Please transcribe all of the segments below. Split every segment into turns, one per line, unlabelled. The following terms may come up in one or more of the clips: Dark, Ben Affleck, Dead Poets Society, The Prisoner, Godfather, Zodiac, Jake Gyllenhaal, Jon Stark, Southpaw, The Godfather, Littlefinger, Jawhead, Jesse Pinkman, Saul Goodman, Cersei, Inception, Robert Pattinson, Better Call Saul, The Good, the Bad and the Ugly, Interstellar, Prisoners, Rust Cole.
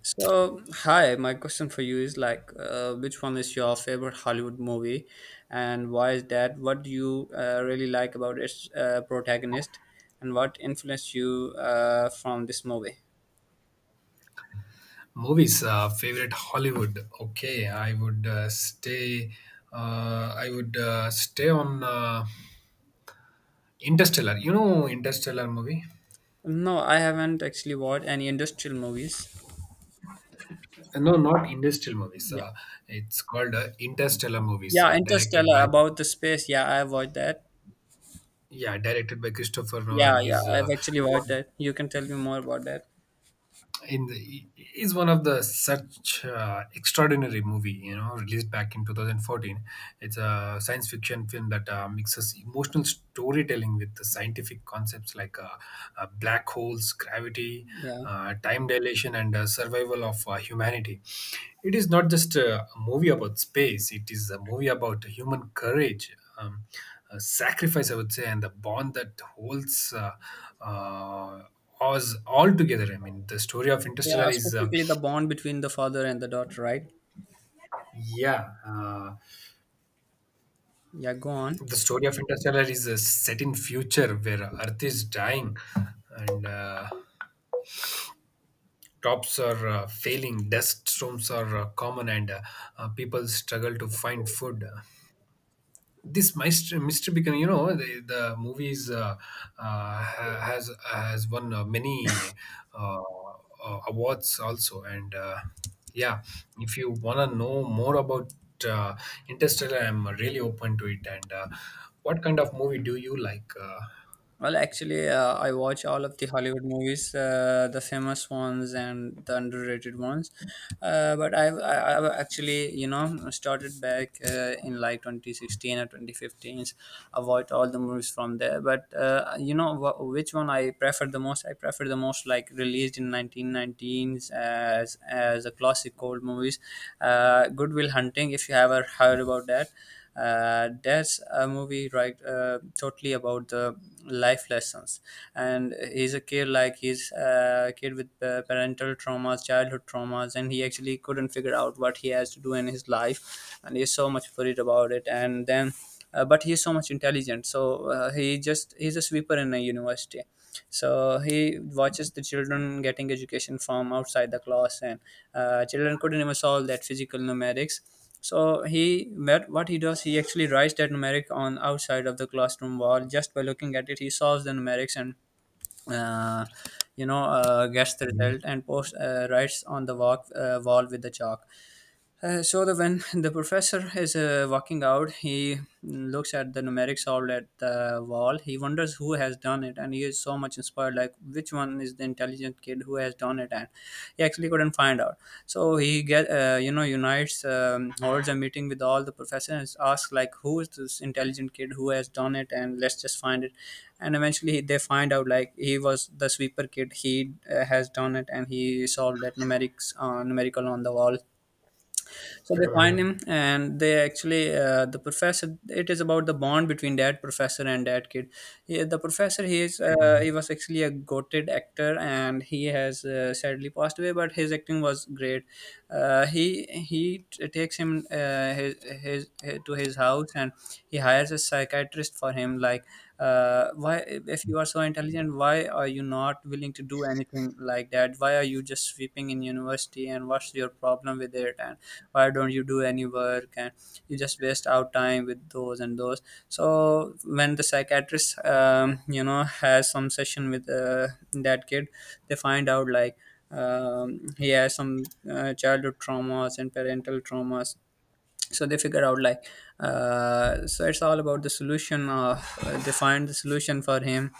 So, hi, my question for you is like, which one is your favorite Hollywood movie and why is that? What do you really like about its protagonist and what influenced you from this movie?
Movies, favorite Hollywood. Okay, I would stay. I would stay on Interstellar. You know Interstellar movie?
No, I haven't actually watched any industrial movies.
No, not Interstellar movies.
Yeah.
It's called Interstellar movies,
Yeah,
directed
Interstellar
by
about the space. Yeah, I watched that.
yeah, directed by Christopher Nolan.
Yeah, yeah,
He's
I've
uh,
actually watched
one
that. You can tell me more about that.
in the one of the such extraordinary movie, you know, released back in 2014. It's a science fiction film that mixes emotional storytelling with the scientific concepts, like black holes, gravity,
Yeah.
time dilation, and survival of humanity. It is not just a movie about space, it is a movie about human courage, sacrifice, I would say, and the bond that holds uh, Oz altogether. I mean, the story of Interstellar
Yeah,
is,
specifically the bond between the father and the daughter, right?
yeah, uh,
Yeah, go on.
the story of Interstellar is set in future where Earth is dying, and tops are failing, dust storms are common, and people struggle to find food. This mystery, become, you know, the movies has won many uh, awards also, and yeah, if you want to know more about uh, interstellar, I'm really open to it. And what kind of movie do you like?
Well, actually, I watch all of the Hollywood movies, the famous ones and the underrated ones. But I've actually, you know, started back in like 2016 or 2015. I watched all the movies from there. But, you know, which one I prefer the most? I prefer the most like released in 1919s as a classic old movies. Goodwill Hunting, if you ever heard about that, that's a movie right, totally about the life lessons, and he's a kid, like he's a kid with parental traumas, childhood traumas, and he actually couldn't figure out what he has to do in his life, and he's so much worried about it. And then, but he's so much intelligent, so he's a sweeper in a university, so he watches the children getting education from outside the class. And children couldn't even solve that physical numerics, so he what he does, he actually writes that numeric on outside of the classroom wall. Just by looking at it, he solves the numerics and, uh, gets the
Mhm.
result and post writes on the walk, wall with the chalk. So the when the professor is walking out, he looks at the numeric solved at the wall. He wonders who has done it, and he is so much inspired. Like, which one is the intelligent kid who has done it? And he actually couldn't find out. So he get you know, unites holds a meeting with all the professors, asks like, who is this intelligent kid who has done it, and let's just find it. And eventually they find out, like, he was the sweeper kid. He has done it, and he solved that numerics numerical on the wall. So they find
Mhm.
him, and they actually the professor. It is about the bond between that professor and that kid. Yeah, the professor, he is
Mhm.
he was actually a goated actor, and he has sadly passed away. But his acting was great. Uh, he he takes him, his to his house, and he hires a psychiatrist for him. Like, why, if you are so intelligent, why are you not willing to do anything like that? Why are you just sweeping in university? And what's your problem with it? And why don't you do any work? And you just waste our time with those and those. So when the psychiatrist, you know, has some session with that kid, they find out like, he has some childhood traumas and parental traumas. So they figure out like, so it's all about the solution of, they find the solution for him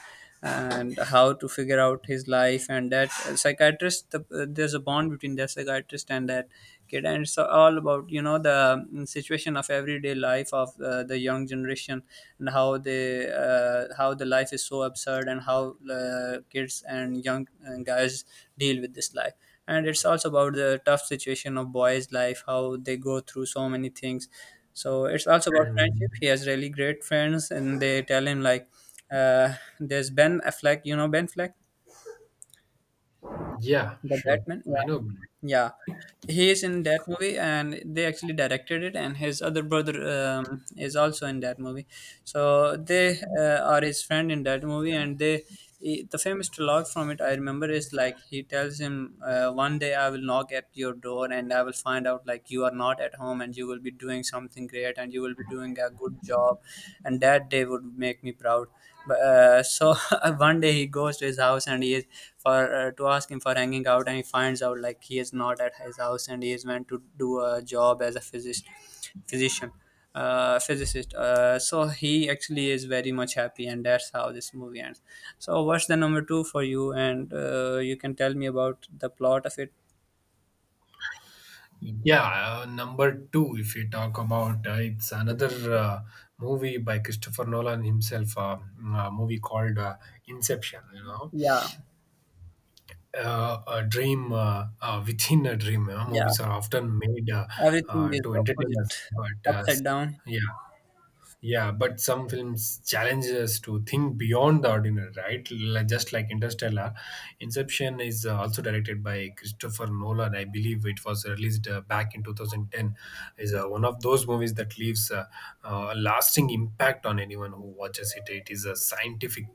and how to figure out his life. And that psychiatrist, there's a bond between the psychiatrist and that kid. And it's all about, you know, the situation of everyday life of the young generation, and how they how the life is so absurd, and how kids and young guys deal with this life. And it's also about the tough situation of boys' life, how they go through so many things. So it's also about friendship.
Mhm.
He has really great friends, and they tell him like, there's Ben Affleck. You know Ben Affleck,
Yeah,
the
sure.
Batman. Yeah,
I know.
yeah. He is in that movie, and they actually directed it. And his other brother, is also in that movie. So they are his friend in that movie, and they. The famous dialogue from it I remember is like, he tells him, "One day I will knock at your door and I will find out like you are not at home and you will be doing something great and you will be doing a good job, and that day would make me proud." But so, one day he goes to his house and he is for, to ask him for hanging out, and he finds out like he is not at his house, and he is meant to do a job as a physicist, physician, physicist. So he actually is very much happy, and that's how this movie ends. So what's the number two for you? And you can tell me about the plot of it.
Yeah, number two, if we talk about it's another uh, movie by Christopher Nolan himself, a movie called Inception. You know,
Yeah,
a dream within a dream. You know,
yeah.
movies are often made
Everything is
to entertain
opposite,
us, but
upside down.
yeah, yeah, but some films challenge us to think beyond the ordinary, right? Just like Interstellar, Inception is also directed by Christopher Nolan. I believe it was released back in 2010. Is one of those movies that leaves a lasting impact on anyone who watches it. It is a scientific,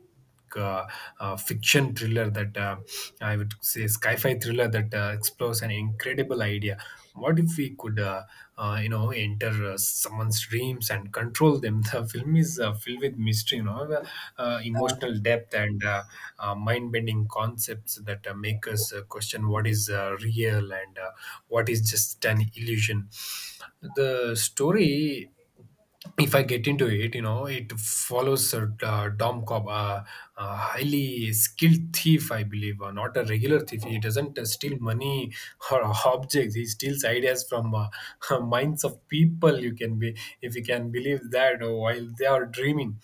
like, fiction thriller that, I would say, sci-fi thriller that explores an incredible idea. What if we could, enter someone's dreams and control them? The film is filled with mystery, well,
Uh,
emotional depth, and mind-bending concepts that make us question what is real and what is just an illusion. The story, if I get into it, you know, it follows a Dom Cobb, a highly skilled thief, I believe, not a regular thief. He doesn't steal money or objects. He steals ideas from minds of people. You can be If you can believe that, while they are dreaming,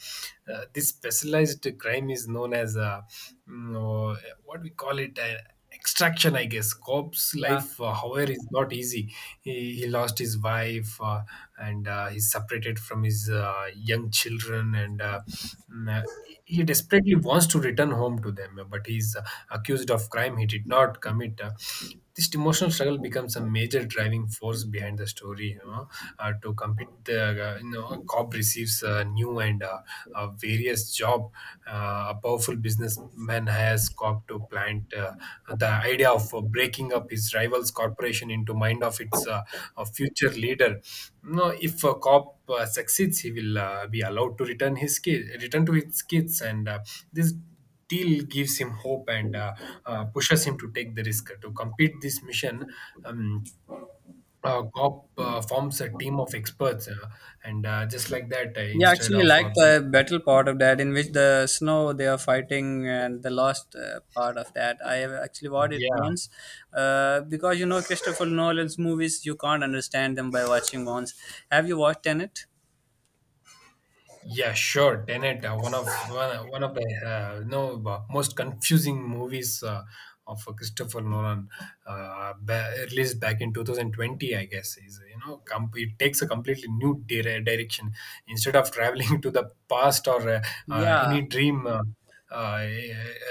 this specialized crime is known as mm, what we call it extraction, I guess. Cobb's
yeah.
life, however, is not easy. He lost his wife, and he's separated from his young children, and mm, uh, he desperately wants to return home to them, but he's accused of crime he did not commit. This emotional struggle becomes a major driving force behind the story, you know. To compete the, a cop receives a new and a various job. A powerful businessman has cop to plant the idea of breaking up his rival's corporation into mind of its future leader. You know, if a cop succeeds, he will be allowed to return his kids return to his kids. And this still gives him hope, and pushes him to take the risk. To complete this mission, um, Gob forms a team of experts, and just like that,
Yeah,
instead
actually,
of
like
break,
the battle part of that, in which the snow they are fighting, and the last part of that, I have actually watched it
yeah.
once, because you know, Christopher Nolan's movies, you can't understand them by watching once. Have you watched Tenet?
Yeah, sure. Tenet, one of the you know, most confusing movies of Christopher Nolan, released back in 2020, I guess. Is, you know, it takes a completely new direction. Instead of traveling to the past or
Yeah,
any dream, uh,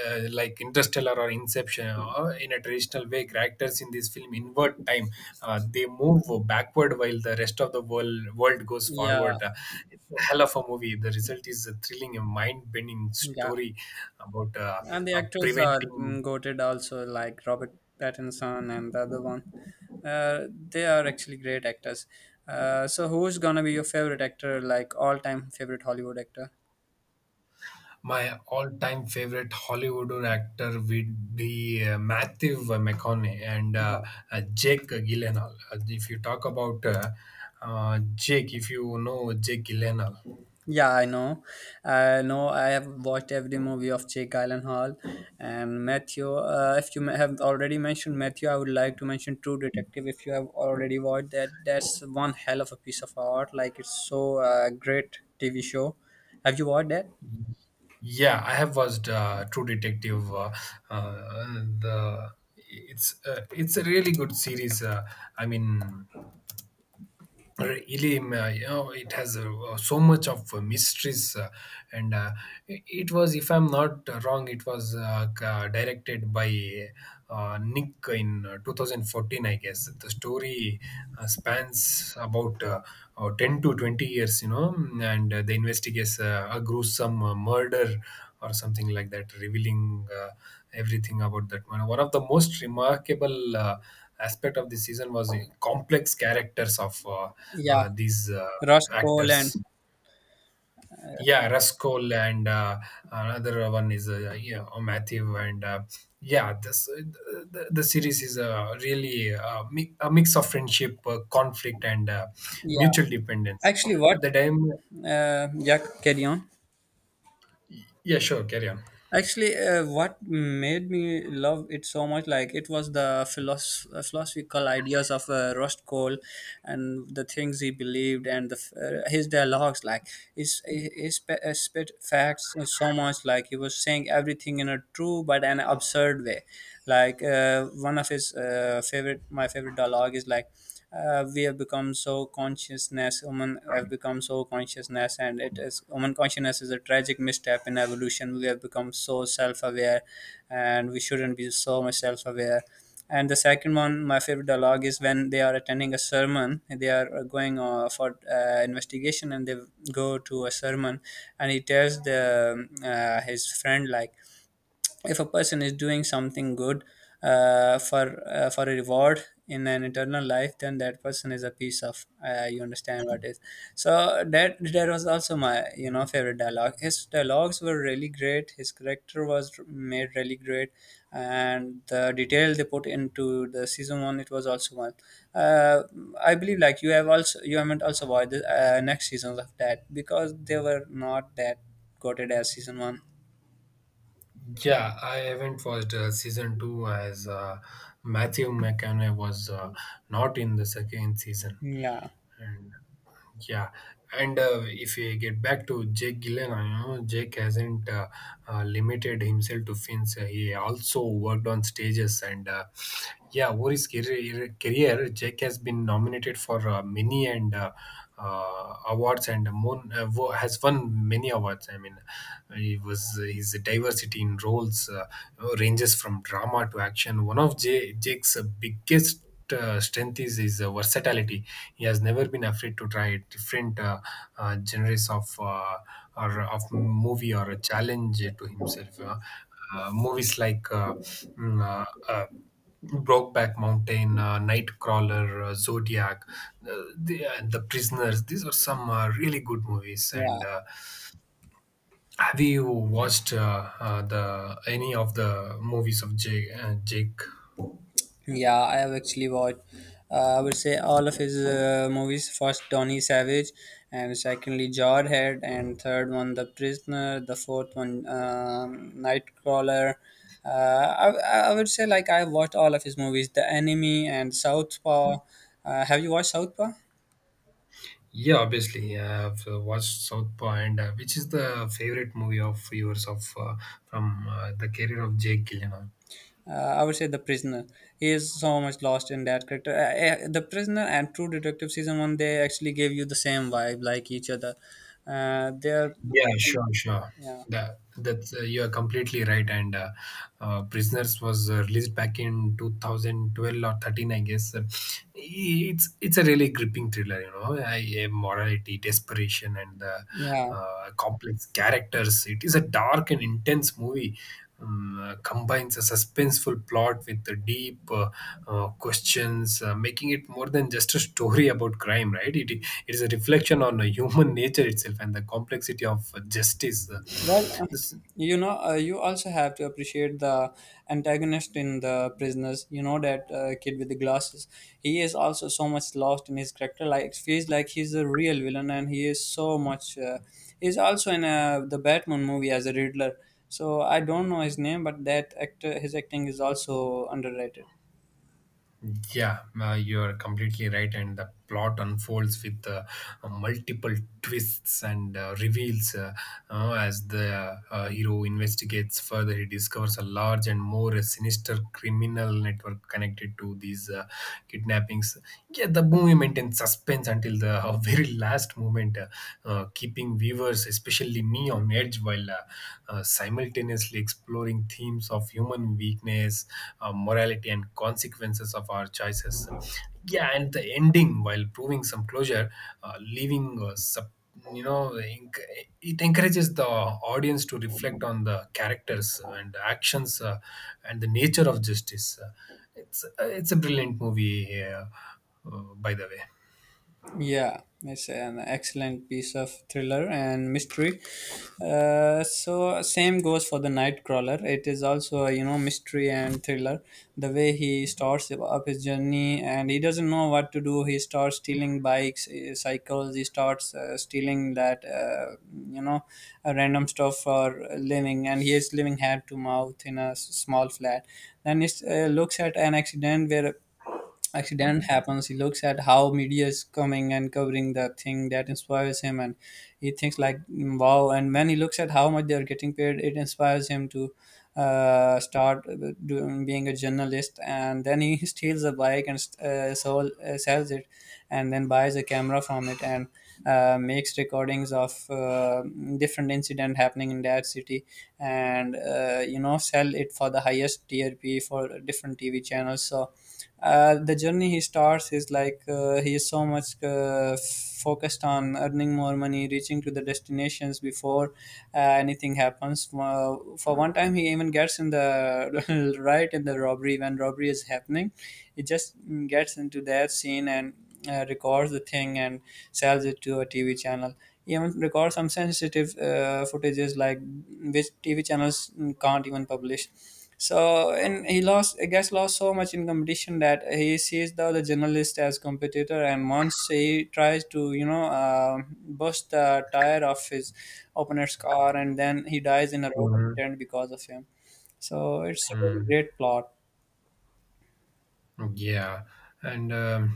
like Interstellar or Inception, in a traditional way, characters in this film invert time. They move backward while the rest of the world goes
yeah,
forward. It's a hell of a movie. The result is a thrilling, a mind-bending
yeah.
story about
And the actors are,
preventing.
goated also, like Robert Pattinson and the other one. They are actually great actors. So, who's gonna be your favorite actor, like all-time favorite Hollywood actor?
My all-time favorite Hollywood actor would be Matthew McConaughey and Jake Gyllenhaal. If you talk about Jake, if you know Jake Gyllenhaal.
Yeah, I know. I know. I have watched every movie of Jake Gyllenhaal and Matthew. If you have already mentioned Matthew, I would like to mention True Detective. If you have already watched that, that's one hell of a piece of art. Like it's so, great TV show. Have you watched that?
Yeah, I have watched True Detective. Uh, the It's it's a really good series. I mean, really, you know, it has so much of mysteries, and it was, if I'm not wrong, it was directed by Nick in 2014, I guess. The story spans about 10 to 20 years, you know, and the investigates a gruesome murder or something like that, revealing everything about that man. One of the most remarkable aspect of the season was the complex characters of uh,
Yeah,
uh, these uh,
Rust Cole and
actors. Yeah, Raskol and another one is Matthew, and yeah, this uh, the series is really a mix of friendship, conflict, and
yeah.
mutual dependence.
Actually, what?
At the time,
Yeah, carry on.
yeah, sure, carry on.
Actually, what made me love it so much, like, it was the philosophical ideas of Rust Cole, and the things he believed, and the, his dialogues, like his spit facts is so much, like he was saying everything in a true but an absurd way. Like, one of his my favorite dialogue is like, we have become so consciousness, human have become so consciousness, and it is human consciousness is a tragic misstep in evolution. We have become so self-aware, and we shouldn't be so much self-aware. And the second one, my favorite dialogue is when they are attending a sermon, they are going for investigation, and they go to a sermon, and he tells the his friend like, if a person is doing something good for a reward in an eternal life, then that person is a piece of you understand what is. So that was also my, you know, favorite dialogue. His dialogues were really great, his character was made really great, and the detail they put into the season one, it was also one. uh, I believe like you have also, you haven't also watched the next seasons of that, because they were not that quoted as season one.
Yeah, I haven't watched season two, as Matthew McConaughey was not in the second season,
Yeah,
and yeah. And if we get back to Jake Gyllenhaal, you know, Jake hasn't limited himself to films. He also worked on stages, and yeah, over his career, Jake has been nominated for many and awards, and has won many awards. I mean, he was his diversity in roles ranges from drama to action. One of Jake's biggest strength is his versatility. He has never been afraid to try different genres of or of movie, or a challenge to himself. Movies like mm, uh, uh, Brokeback Mountain, Nightcrawler, Zodiac, the Prisoners. These are some really good movies.
yeah.
And have you watched the any of the movies of Jake? Jake.
Yeah, I have actually watched. I would say all of his movies. First, Donny Savage, and secondly, Jawhead, and third one, The Prisoner. The fourth one, Nightcrawler. I would say like, I watched all of his movies, The Enemy and Southpaw. Have you watched Southpaw?
Yeah, obviously, I have watched South Point, which is the favorite movie of yours of from the career of Jake Gyllenhaal.
I would say The Prisoner. He is so much lost in that character. The Prisoner and True Detective season one, they actually gave you the same vibe, like each other. They're
Yeah, sure, sure.
yeah.
That's you are completely right. And Prisoners was released back in 2012 or 13, I guess. It's a really gripping thriller, you know. A morality, desperation, and
Yeah,
complex characters. It is a dark and intense movie combines a suspenseful plot with the deep questions, making it more than just a story about crime, right? It is a reflection on human nature itself and the complexity of justice.
well,
This,
you know, you also have to appreciate the antagonist in the prisoners. You know that kid with the glasses. He is also so much lost in his character. Like, it feels like he's a real villain, and he is so much. He's also in the Batman movie as a Riddler. So I don't know his name, but that actor, his acting is also underrated.
Yeah, you're completely right, and the plot unfolds with multiple twists and reveals. As the hero investigates further, he discovers a large and more sinister criminal network connected to these kidnappings. Yeah, the movie maintains suspense until the very last moment, keeping viewers, especially me, on edge, while simultaneously exploring themes of human weakness, morality, and consequences of our choices. Yeah, and the ending, while proving some closure, leaving sub, you know, it encourages the audience to reflect on the characters and actions and the nature of justice. It's it's a brilliant movie, by the way.
Yeah, it's an excellent piece of thriller and mystery. So same goes for the Nightcrawler. It is also a, you know, mystery and thriller. The way he starts up his journey and he doesn't know what to do. He starts stealing bikes, cycles. He starts stealing that, you know random stuff for a living, and he is living hand to mouth in a small flat. Then he looks at an accident where accident happens. He looks at how media is coming and covering the thing that inspires him, and he thinks like, "Mm, wow," and when he looks at how much they are getting paid, it inspires him to start being a journalist. And then he steals a bike and sells it, and then buys a camera from it, and makes recordings of different incident happening in that city, and sell it for the highest TRP for different TV channels. So the journey he starts is like, he is so much focused on earning more money, reaching to the destinations before anything happens. Uh, for one time he even gets in the right in the robbery. When robbery is happening, he just gets into that scene and records the thing and sells it to a TV channel. Even record some sensitive footages like which TV channels can't even publish. So, and he lost, lost so much in competition that he sees the other journalist as competitor. And once he tries to bust the tire of his opponent's car, and then he dies in a road
Mhm.
accident because of him. So it's a really
Mm.
great plot.
Yeah. And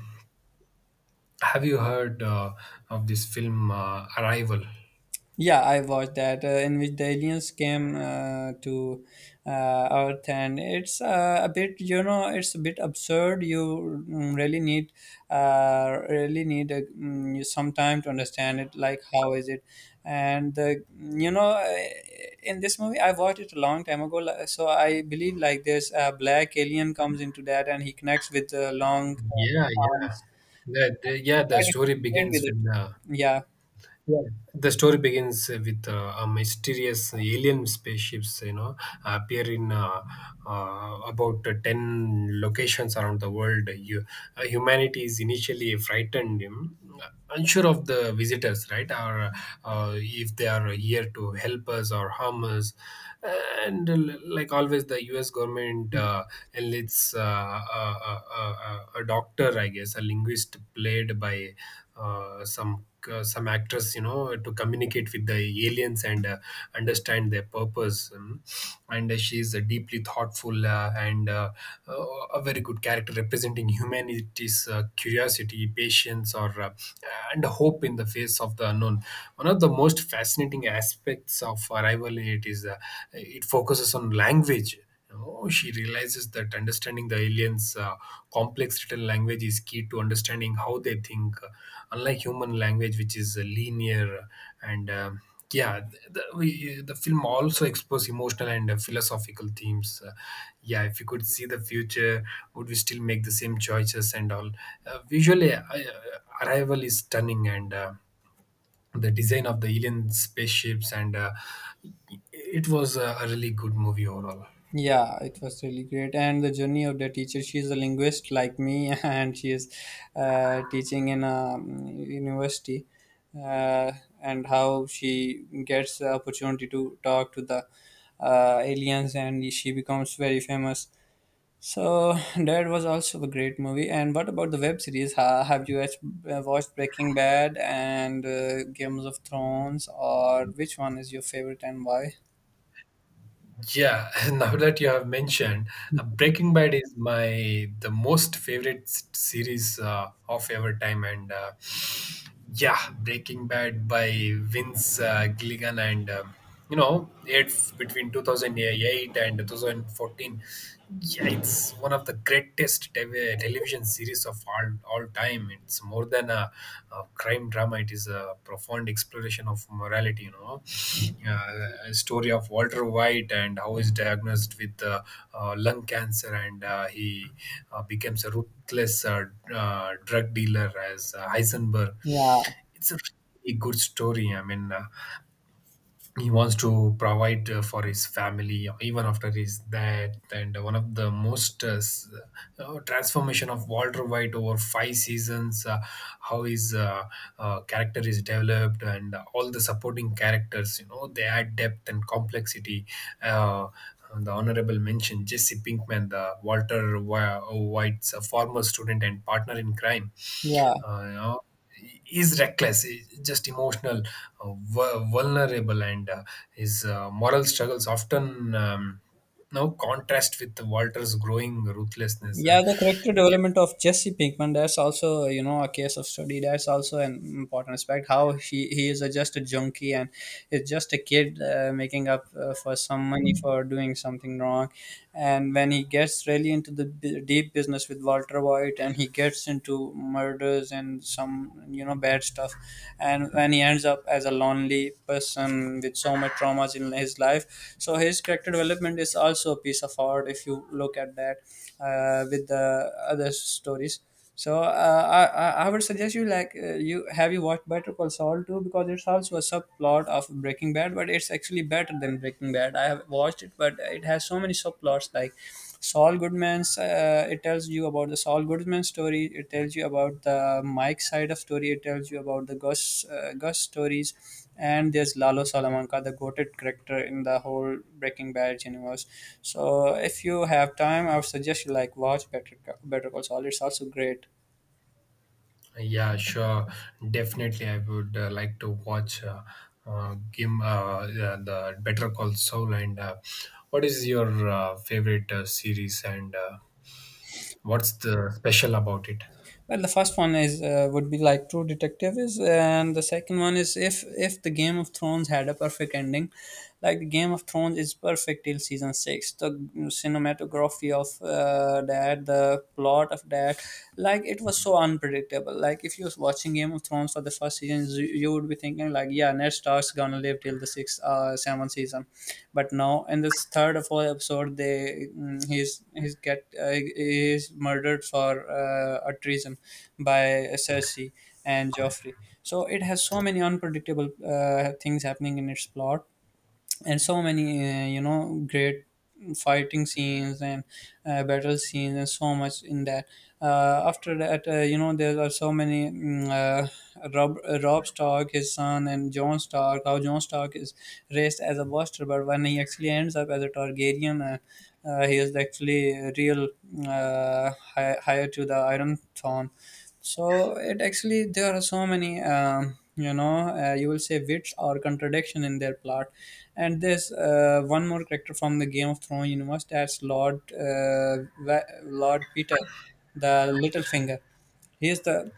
have you heard of this film Arrival?
Yeah, I watched that, in which the aliens came to uh, Earth. And it's a bit, you know, it's a bit absurd. You really need a, mm, you some time to understand it. Like, how is it? And in this movie, I watched it a long time ago, so I believe like this black alien comes into that, and he connects with the long
Yeah, yeah.
arms.
That, yeah, the
I
story
didn't get with
begins
it.
with
Yeah.
Yeah, the story begins with a mysterious alien spaceships, you know, appear in about 10 locations around the world. Humanity is initially frightened, unsure of the visitors, right, or if they are here to help us or harm us. And like always, the U.S. government enlists a doctor, I guess, a linguist played by some actress to communicate with the aliens and understand their purpose, and she's a deeply thoughtful and uh, a very good character representing humanity's curiosity, patience, or and hope in the face of the unknown. One of the most fascinating aspects of Arrival, it focuses on language. She realizes that understanding the aliens' complex written language is key to understanding how they think, unlike human language, which is linear and yeah the, we, The film also explores emotional and philosophical themes. Yeah if you could see the future, would we still make the same choices and all? Visually, Arrival is stunning, and the design of the alien spaceships and it was a really good movie overall.
Yeah, it was really great. And the journey of the teacher, she is a linguist like me, and she is teaching in a university, uh, and how she gets the opportunity to talk to the aliens, and she becomes very famous. So that was also a great movie. And what about the web series? Have you watched Breaking Bad and Games of Thrones, or which one is your favorite and why?
Yeah, now that you have mentioned, Breaking Bad is my the most favorite series of ever time, and yeah, Breaking Bad by Vince Gilligan, and it's between 2008 and 2014. Yeah, it's one of the greatest television series of all time. It's more than a crime drama. It is a profound exploration of morality. You know, uh, a story of Walter White and how he's diagnosed with lung cancer, and he becomes a ruthless drug dealer as Heisenberg.
Yeah,
It's a really good story. I mean, he wants to provide for his family even after his death, and one of the most transformation of Walter White over five seasons, how his character is developed, and all the supporting characters, they add depth and complexity. uh, the honorable mention, Jesse Pinkman, the Walter White's former student and partner in crime,
yeah.
uh, you know, is reckless, just emotional, vulnerable, and his moral struggles often, now contrast with Walter's growing ruthlessness.
Yeah, the character
Yeah,
development of Jesse Pinkman, that's also, you know, a case of study. That's also an important aspect. How he is a, just a junkie and is just a kid making up for some money for doing something wrong. And when he gets really into the deep business with Walter White, and he gets into murders and some, you know, bad stuff. And when he ends up as a lonely person with so much traumas in his life. So his character development is also a piece of art if you look at that with the other stories. So I would suggest you like, you have you watched Better Call Saul too? Because it's also a subplot of Breaking Bad, but it's actually better than Breaking Bad. I have watched it, but it has so many subplots like Saul Goodman's. It tells you about the Saul Goodman story. It tells you about the Mike side of story. It tells you about the Gus Gus stories, and there's Lalo Salamanca, the goated character in the whole Breaking Bad universe. So if you have time, I would suggest you like watch Better Call Saul. It's also great.
yeah, sure, definitely. I would like to watch yeah, the Better Call Saul. And what is your favorite series, and what's the special about it?
Well, the first one is would be like True Detective is, and the second one is, if the Game of Thrones had a perfect ending, like the Game of Thrones is perfect till season six. The cinematography of that, the plot of that, like it was so unpredictable. Like if you're watching Game of Thrones for the first season, you would be thinking like, yeah, Ned Stark's gonna live till the sixth, seventh season. But now in this third or fourth episode, they he's murdered for a treason by Cersei and Joffrey. So it has so many unpredictable things happening in its plot, and so many great fighting scenes and battle scenes and so much in that. Uh, after that, there are so many Rob Stark, his son, and Jon Stark. How Jon Stark is raised as a buster, but when he actually ends up as a Targaryen, he is actually a real higher to the Iron Throne. So it actually, there are so many you will say wits or contradiction in their plot. And there's one more character from the Game of Thrones universe, that's Lord Lord Peter, the Littlefinger. He is the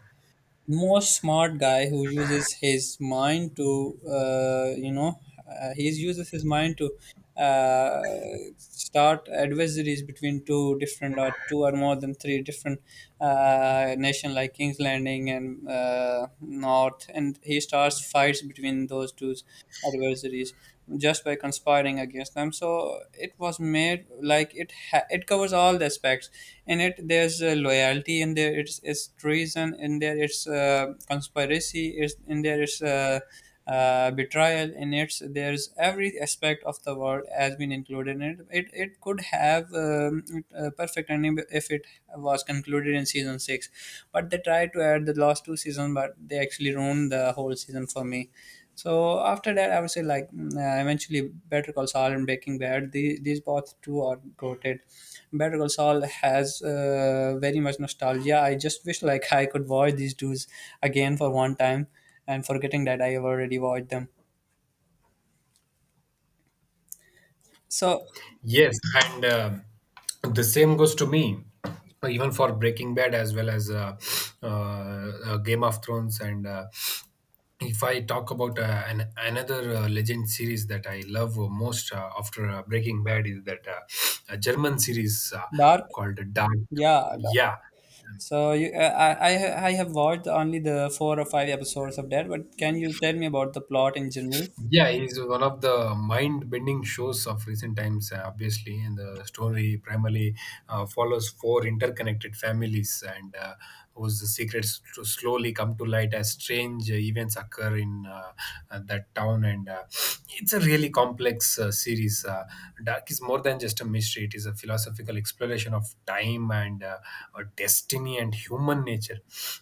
most smart guy who uses his mind to he uses his mind to uh, start adversaries between two different, or two or more than three different nation like King's Landing and North, and he starts fights between those two adversaries just by conspiring against them. So it was made like, it covers all the aspects in it. There's loyalty in there, it's treason in there, it's conspiracy is in there, it's betrayal in it, there's every aspect of the world has been included in it. It could have a perfect ending if it was concluded in season 6. But they tried to add the last two seasons, but they actually ruined the whole season for me. So after that, I would say like, eventually Better Call Saul and Breaking Bad. These both two are goated. Better Call Saul has very much nostalgia. I just wish like I could watch these dudes again for one time and forgetting that I have already watched them. So
Yes, and the same goes to me, even for Breaking Bad as well as Game of Thrones. And if I talk about another legend series that I love most after Breaking Bad, is that a German series
Dark,
called Dark.
yeah. Dark.
Yeah,
So you, I have watched only the four or five episodes of that. But can you tell me about the plot in general?
Yeah, it's one of the mind-bending shows of recent times, obviously. And the story primarily follows four interconnected families, and whose secrets to slowly come to light as strange events occur in that town. And it's a really complex series. Dark is more than just a mystery; it is a philosophical exploration of time and destiny, and human nature.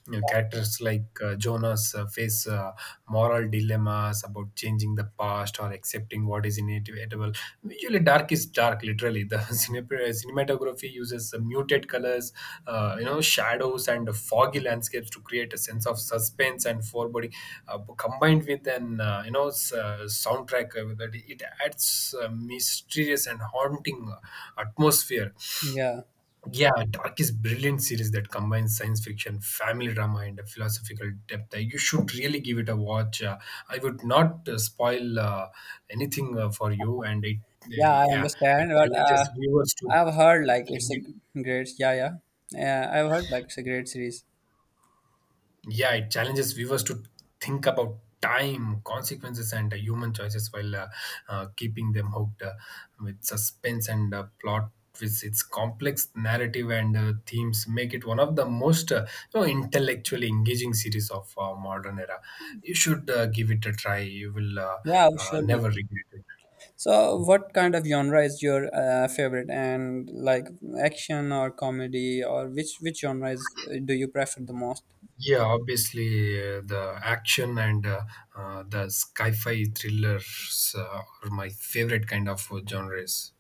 You know, characters like Jonas face moral dilemmas about changing the past or accepting what is inevitable. Usually, dark is dark, literally. The cinematography uses the muted colors, you know, shadows, and foggy landscapes to create a sense of suspense and foreboding, combined with an soundtrack that it adds a mysterious and haunting atmosphere.
Yeah.
Yeah, Dark is brilliant series that combines science fiction, family drama, and a philosophical depth. You should really give it a watch. I would not spoil anything for you, and it
Yeah, I
yeah
understand,
it
but
challenges viewers to
I've heard like it's a great. Yeah, yeah, yeah. I've heard like it's a great series.
yeah, it challenges viewers to think about time, consequences, and human choices while keeping them hooked with suspense and plot. With its complex narrative and themes, make it one of the most you know, intellectually engaging series of modern era. You should give it a try. You will
Yeah, surely.
never regret it.
So, what kind of genre is your favorite? And like action or comedy, or which genres do you prefer the most?
Yeah, obviously the action and the sci-fi thrillers are my favorite kind of genres.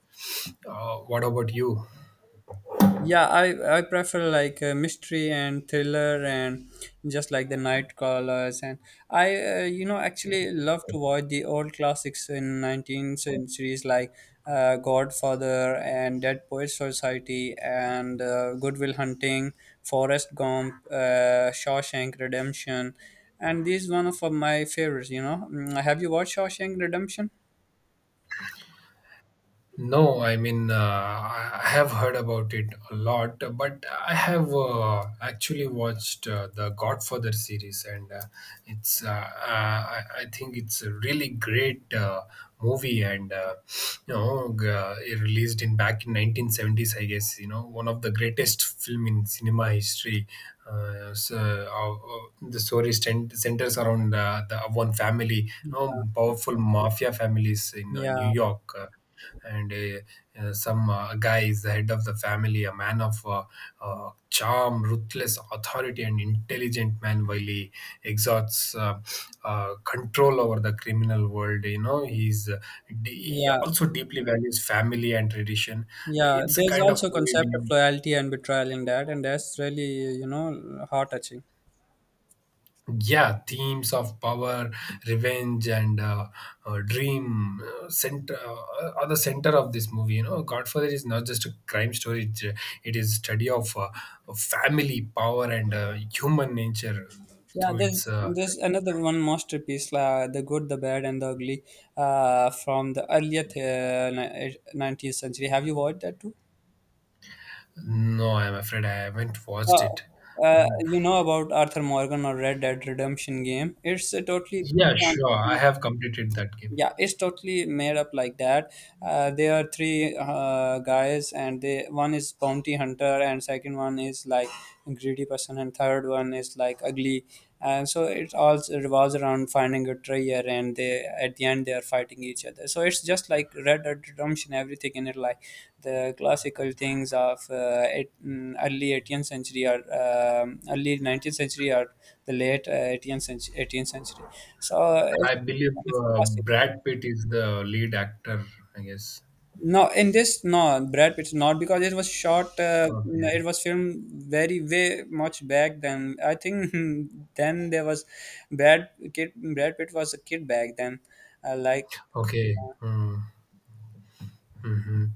What about you?
Yeah, I prefer like mystery and thriller, and just like the night crawlers. And I, actually love to watch the old classics in 19th centuries like Godfather and Dead Poets Society and Goodwill Hunting, Forrest Gump, Shawshank Redemption, and these one of my favorites. You know, mm, have you watched Shawshank Redemption?
No, I mean, I have heard about it a lot, but I have actually watched the Godfather series, and I think it's a really great movie, and you know, it released in back in 1970s, I guess. You know, one of the greatest film in cinema history. The story centers around the one family, you know, powerful mafia families in New
Yeah,
York. And a, some guy is the head of the family, a man of charm, ruthless authority, and intelligent man while he exhausts control over the criminal world. You know, he
yeah.
also deeply values family and tradition.
Yeah,
It's a
there's
kind of
also concept of
movie.
loyalty and betrayal in that, and that's really, you know, heart touching.
Yeah Themes of power, revenge, and dream center are the center of this movie. Godfather is not just a crime story, it is study of family, power, and human nature
Yeah,
through its
there's another one masterpiece, the good, the bad, and the ugly, from the earlier 19th century. Have you watched that too?
no, I'm afraid I haven't watched it.
Uh, you know about Arthur Morgan or Red Dead Redemption game? It's a totally,
Yeah, sure, I have completed that game.
yeah, it's totally made up like that. Uh, there are three guys, and they, one is bounty hunter, and second one is like greedy person, and third one is like ugly. And so it all revolves around finding a treasure, and they, at the end, they are fighting each other. So it's just like Red Dead Redemption, everything in it. Like the classical things of early 18th century, or early 19th century, or the late 18th century, 18th century. So it's
I believe
kind of classic.
Brad Pitt is the lead actor, I guess.
No, in this, no, Brad Pitt not, because it was shot.
Okay.
It was filmed very way much back then. I think then there was Brad kid. Brad Pitt was a kid back then. Like,
Okay. Hmm. Hmm.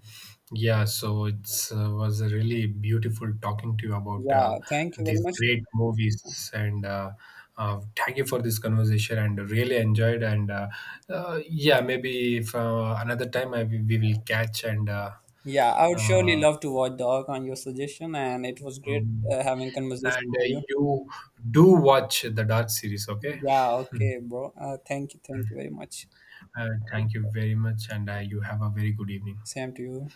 Yeah, so it's was really beautiful talking to you about
yeah, thank you very
these
much.
great movies, and thank you for this conversation. And really enjoyed, and yeah, maybe if another time we will catch and
Yeah, I would surely
uh,
love to watch Dog on your suggestion, and it was great
mm,
having conversation
and
with you.
You do watch the Dark series, okay?
Yeah, okay, bro. Thank you very much.
Thank you very much, and you have a very good evening.
Same to you.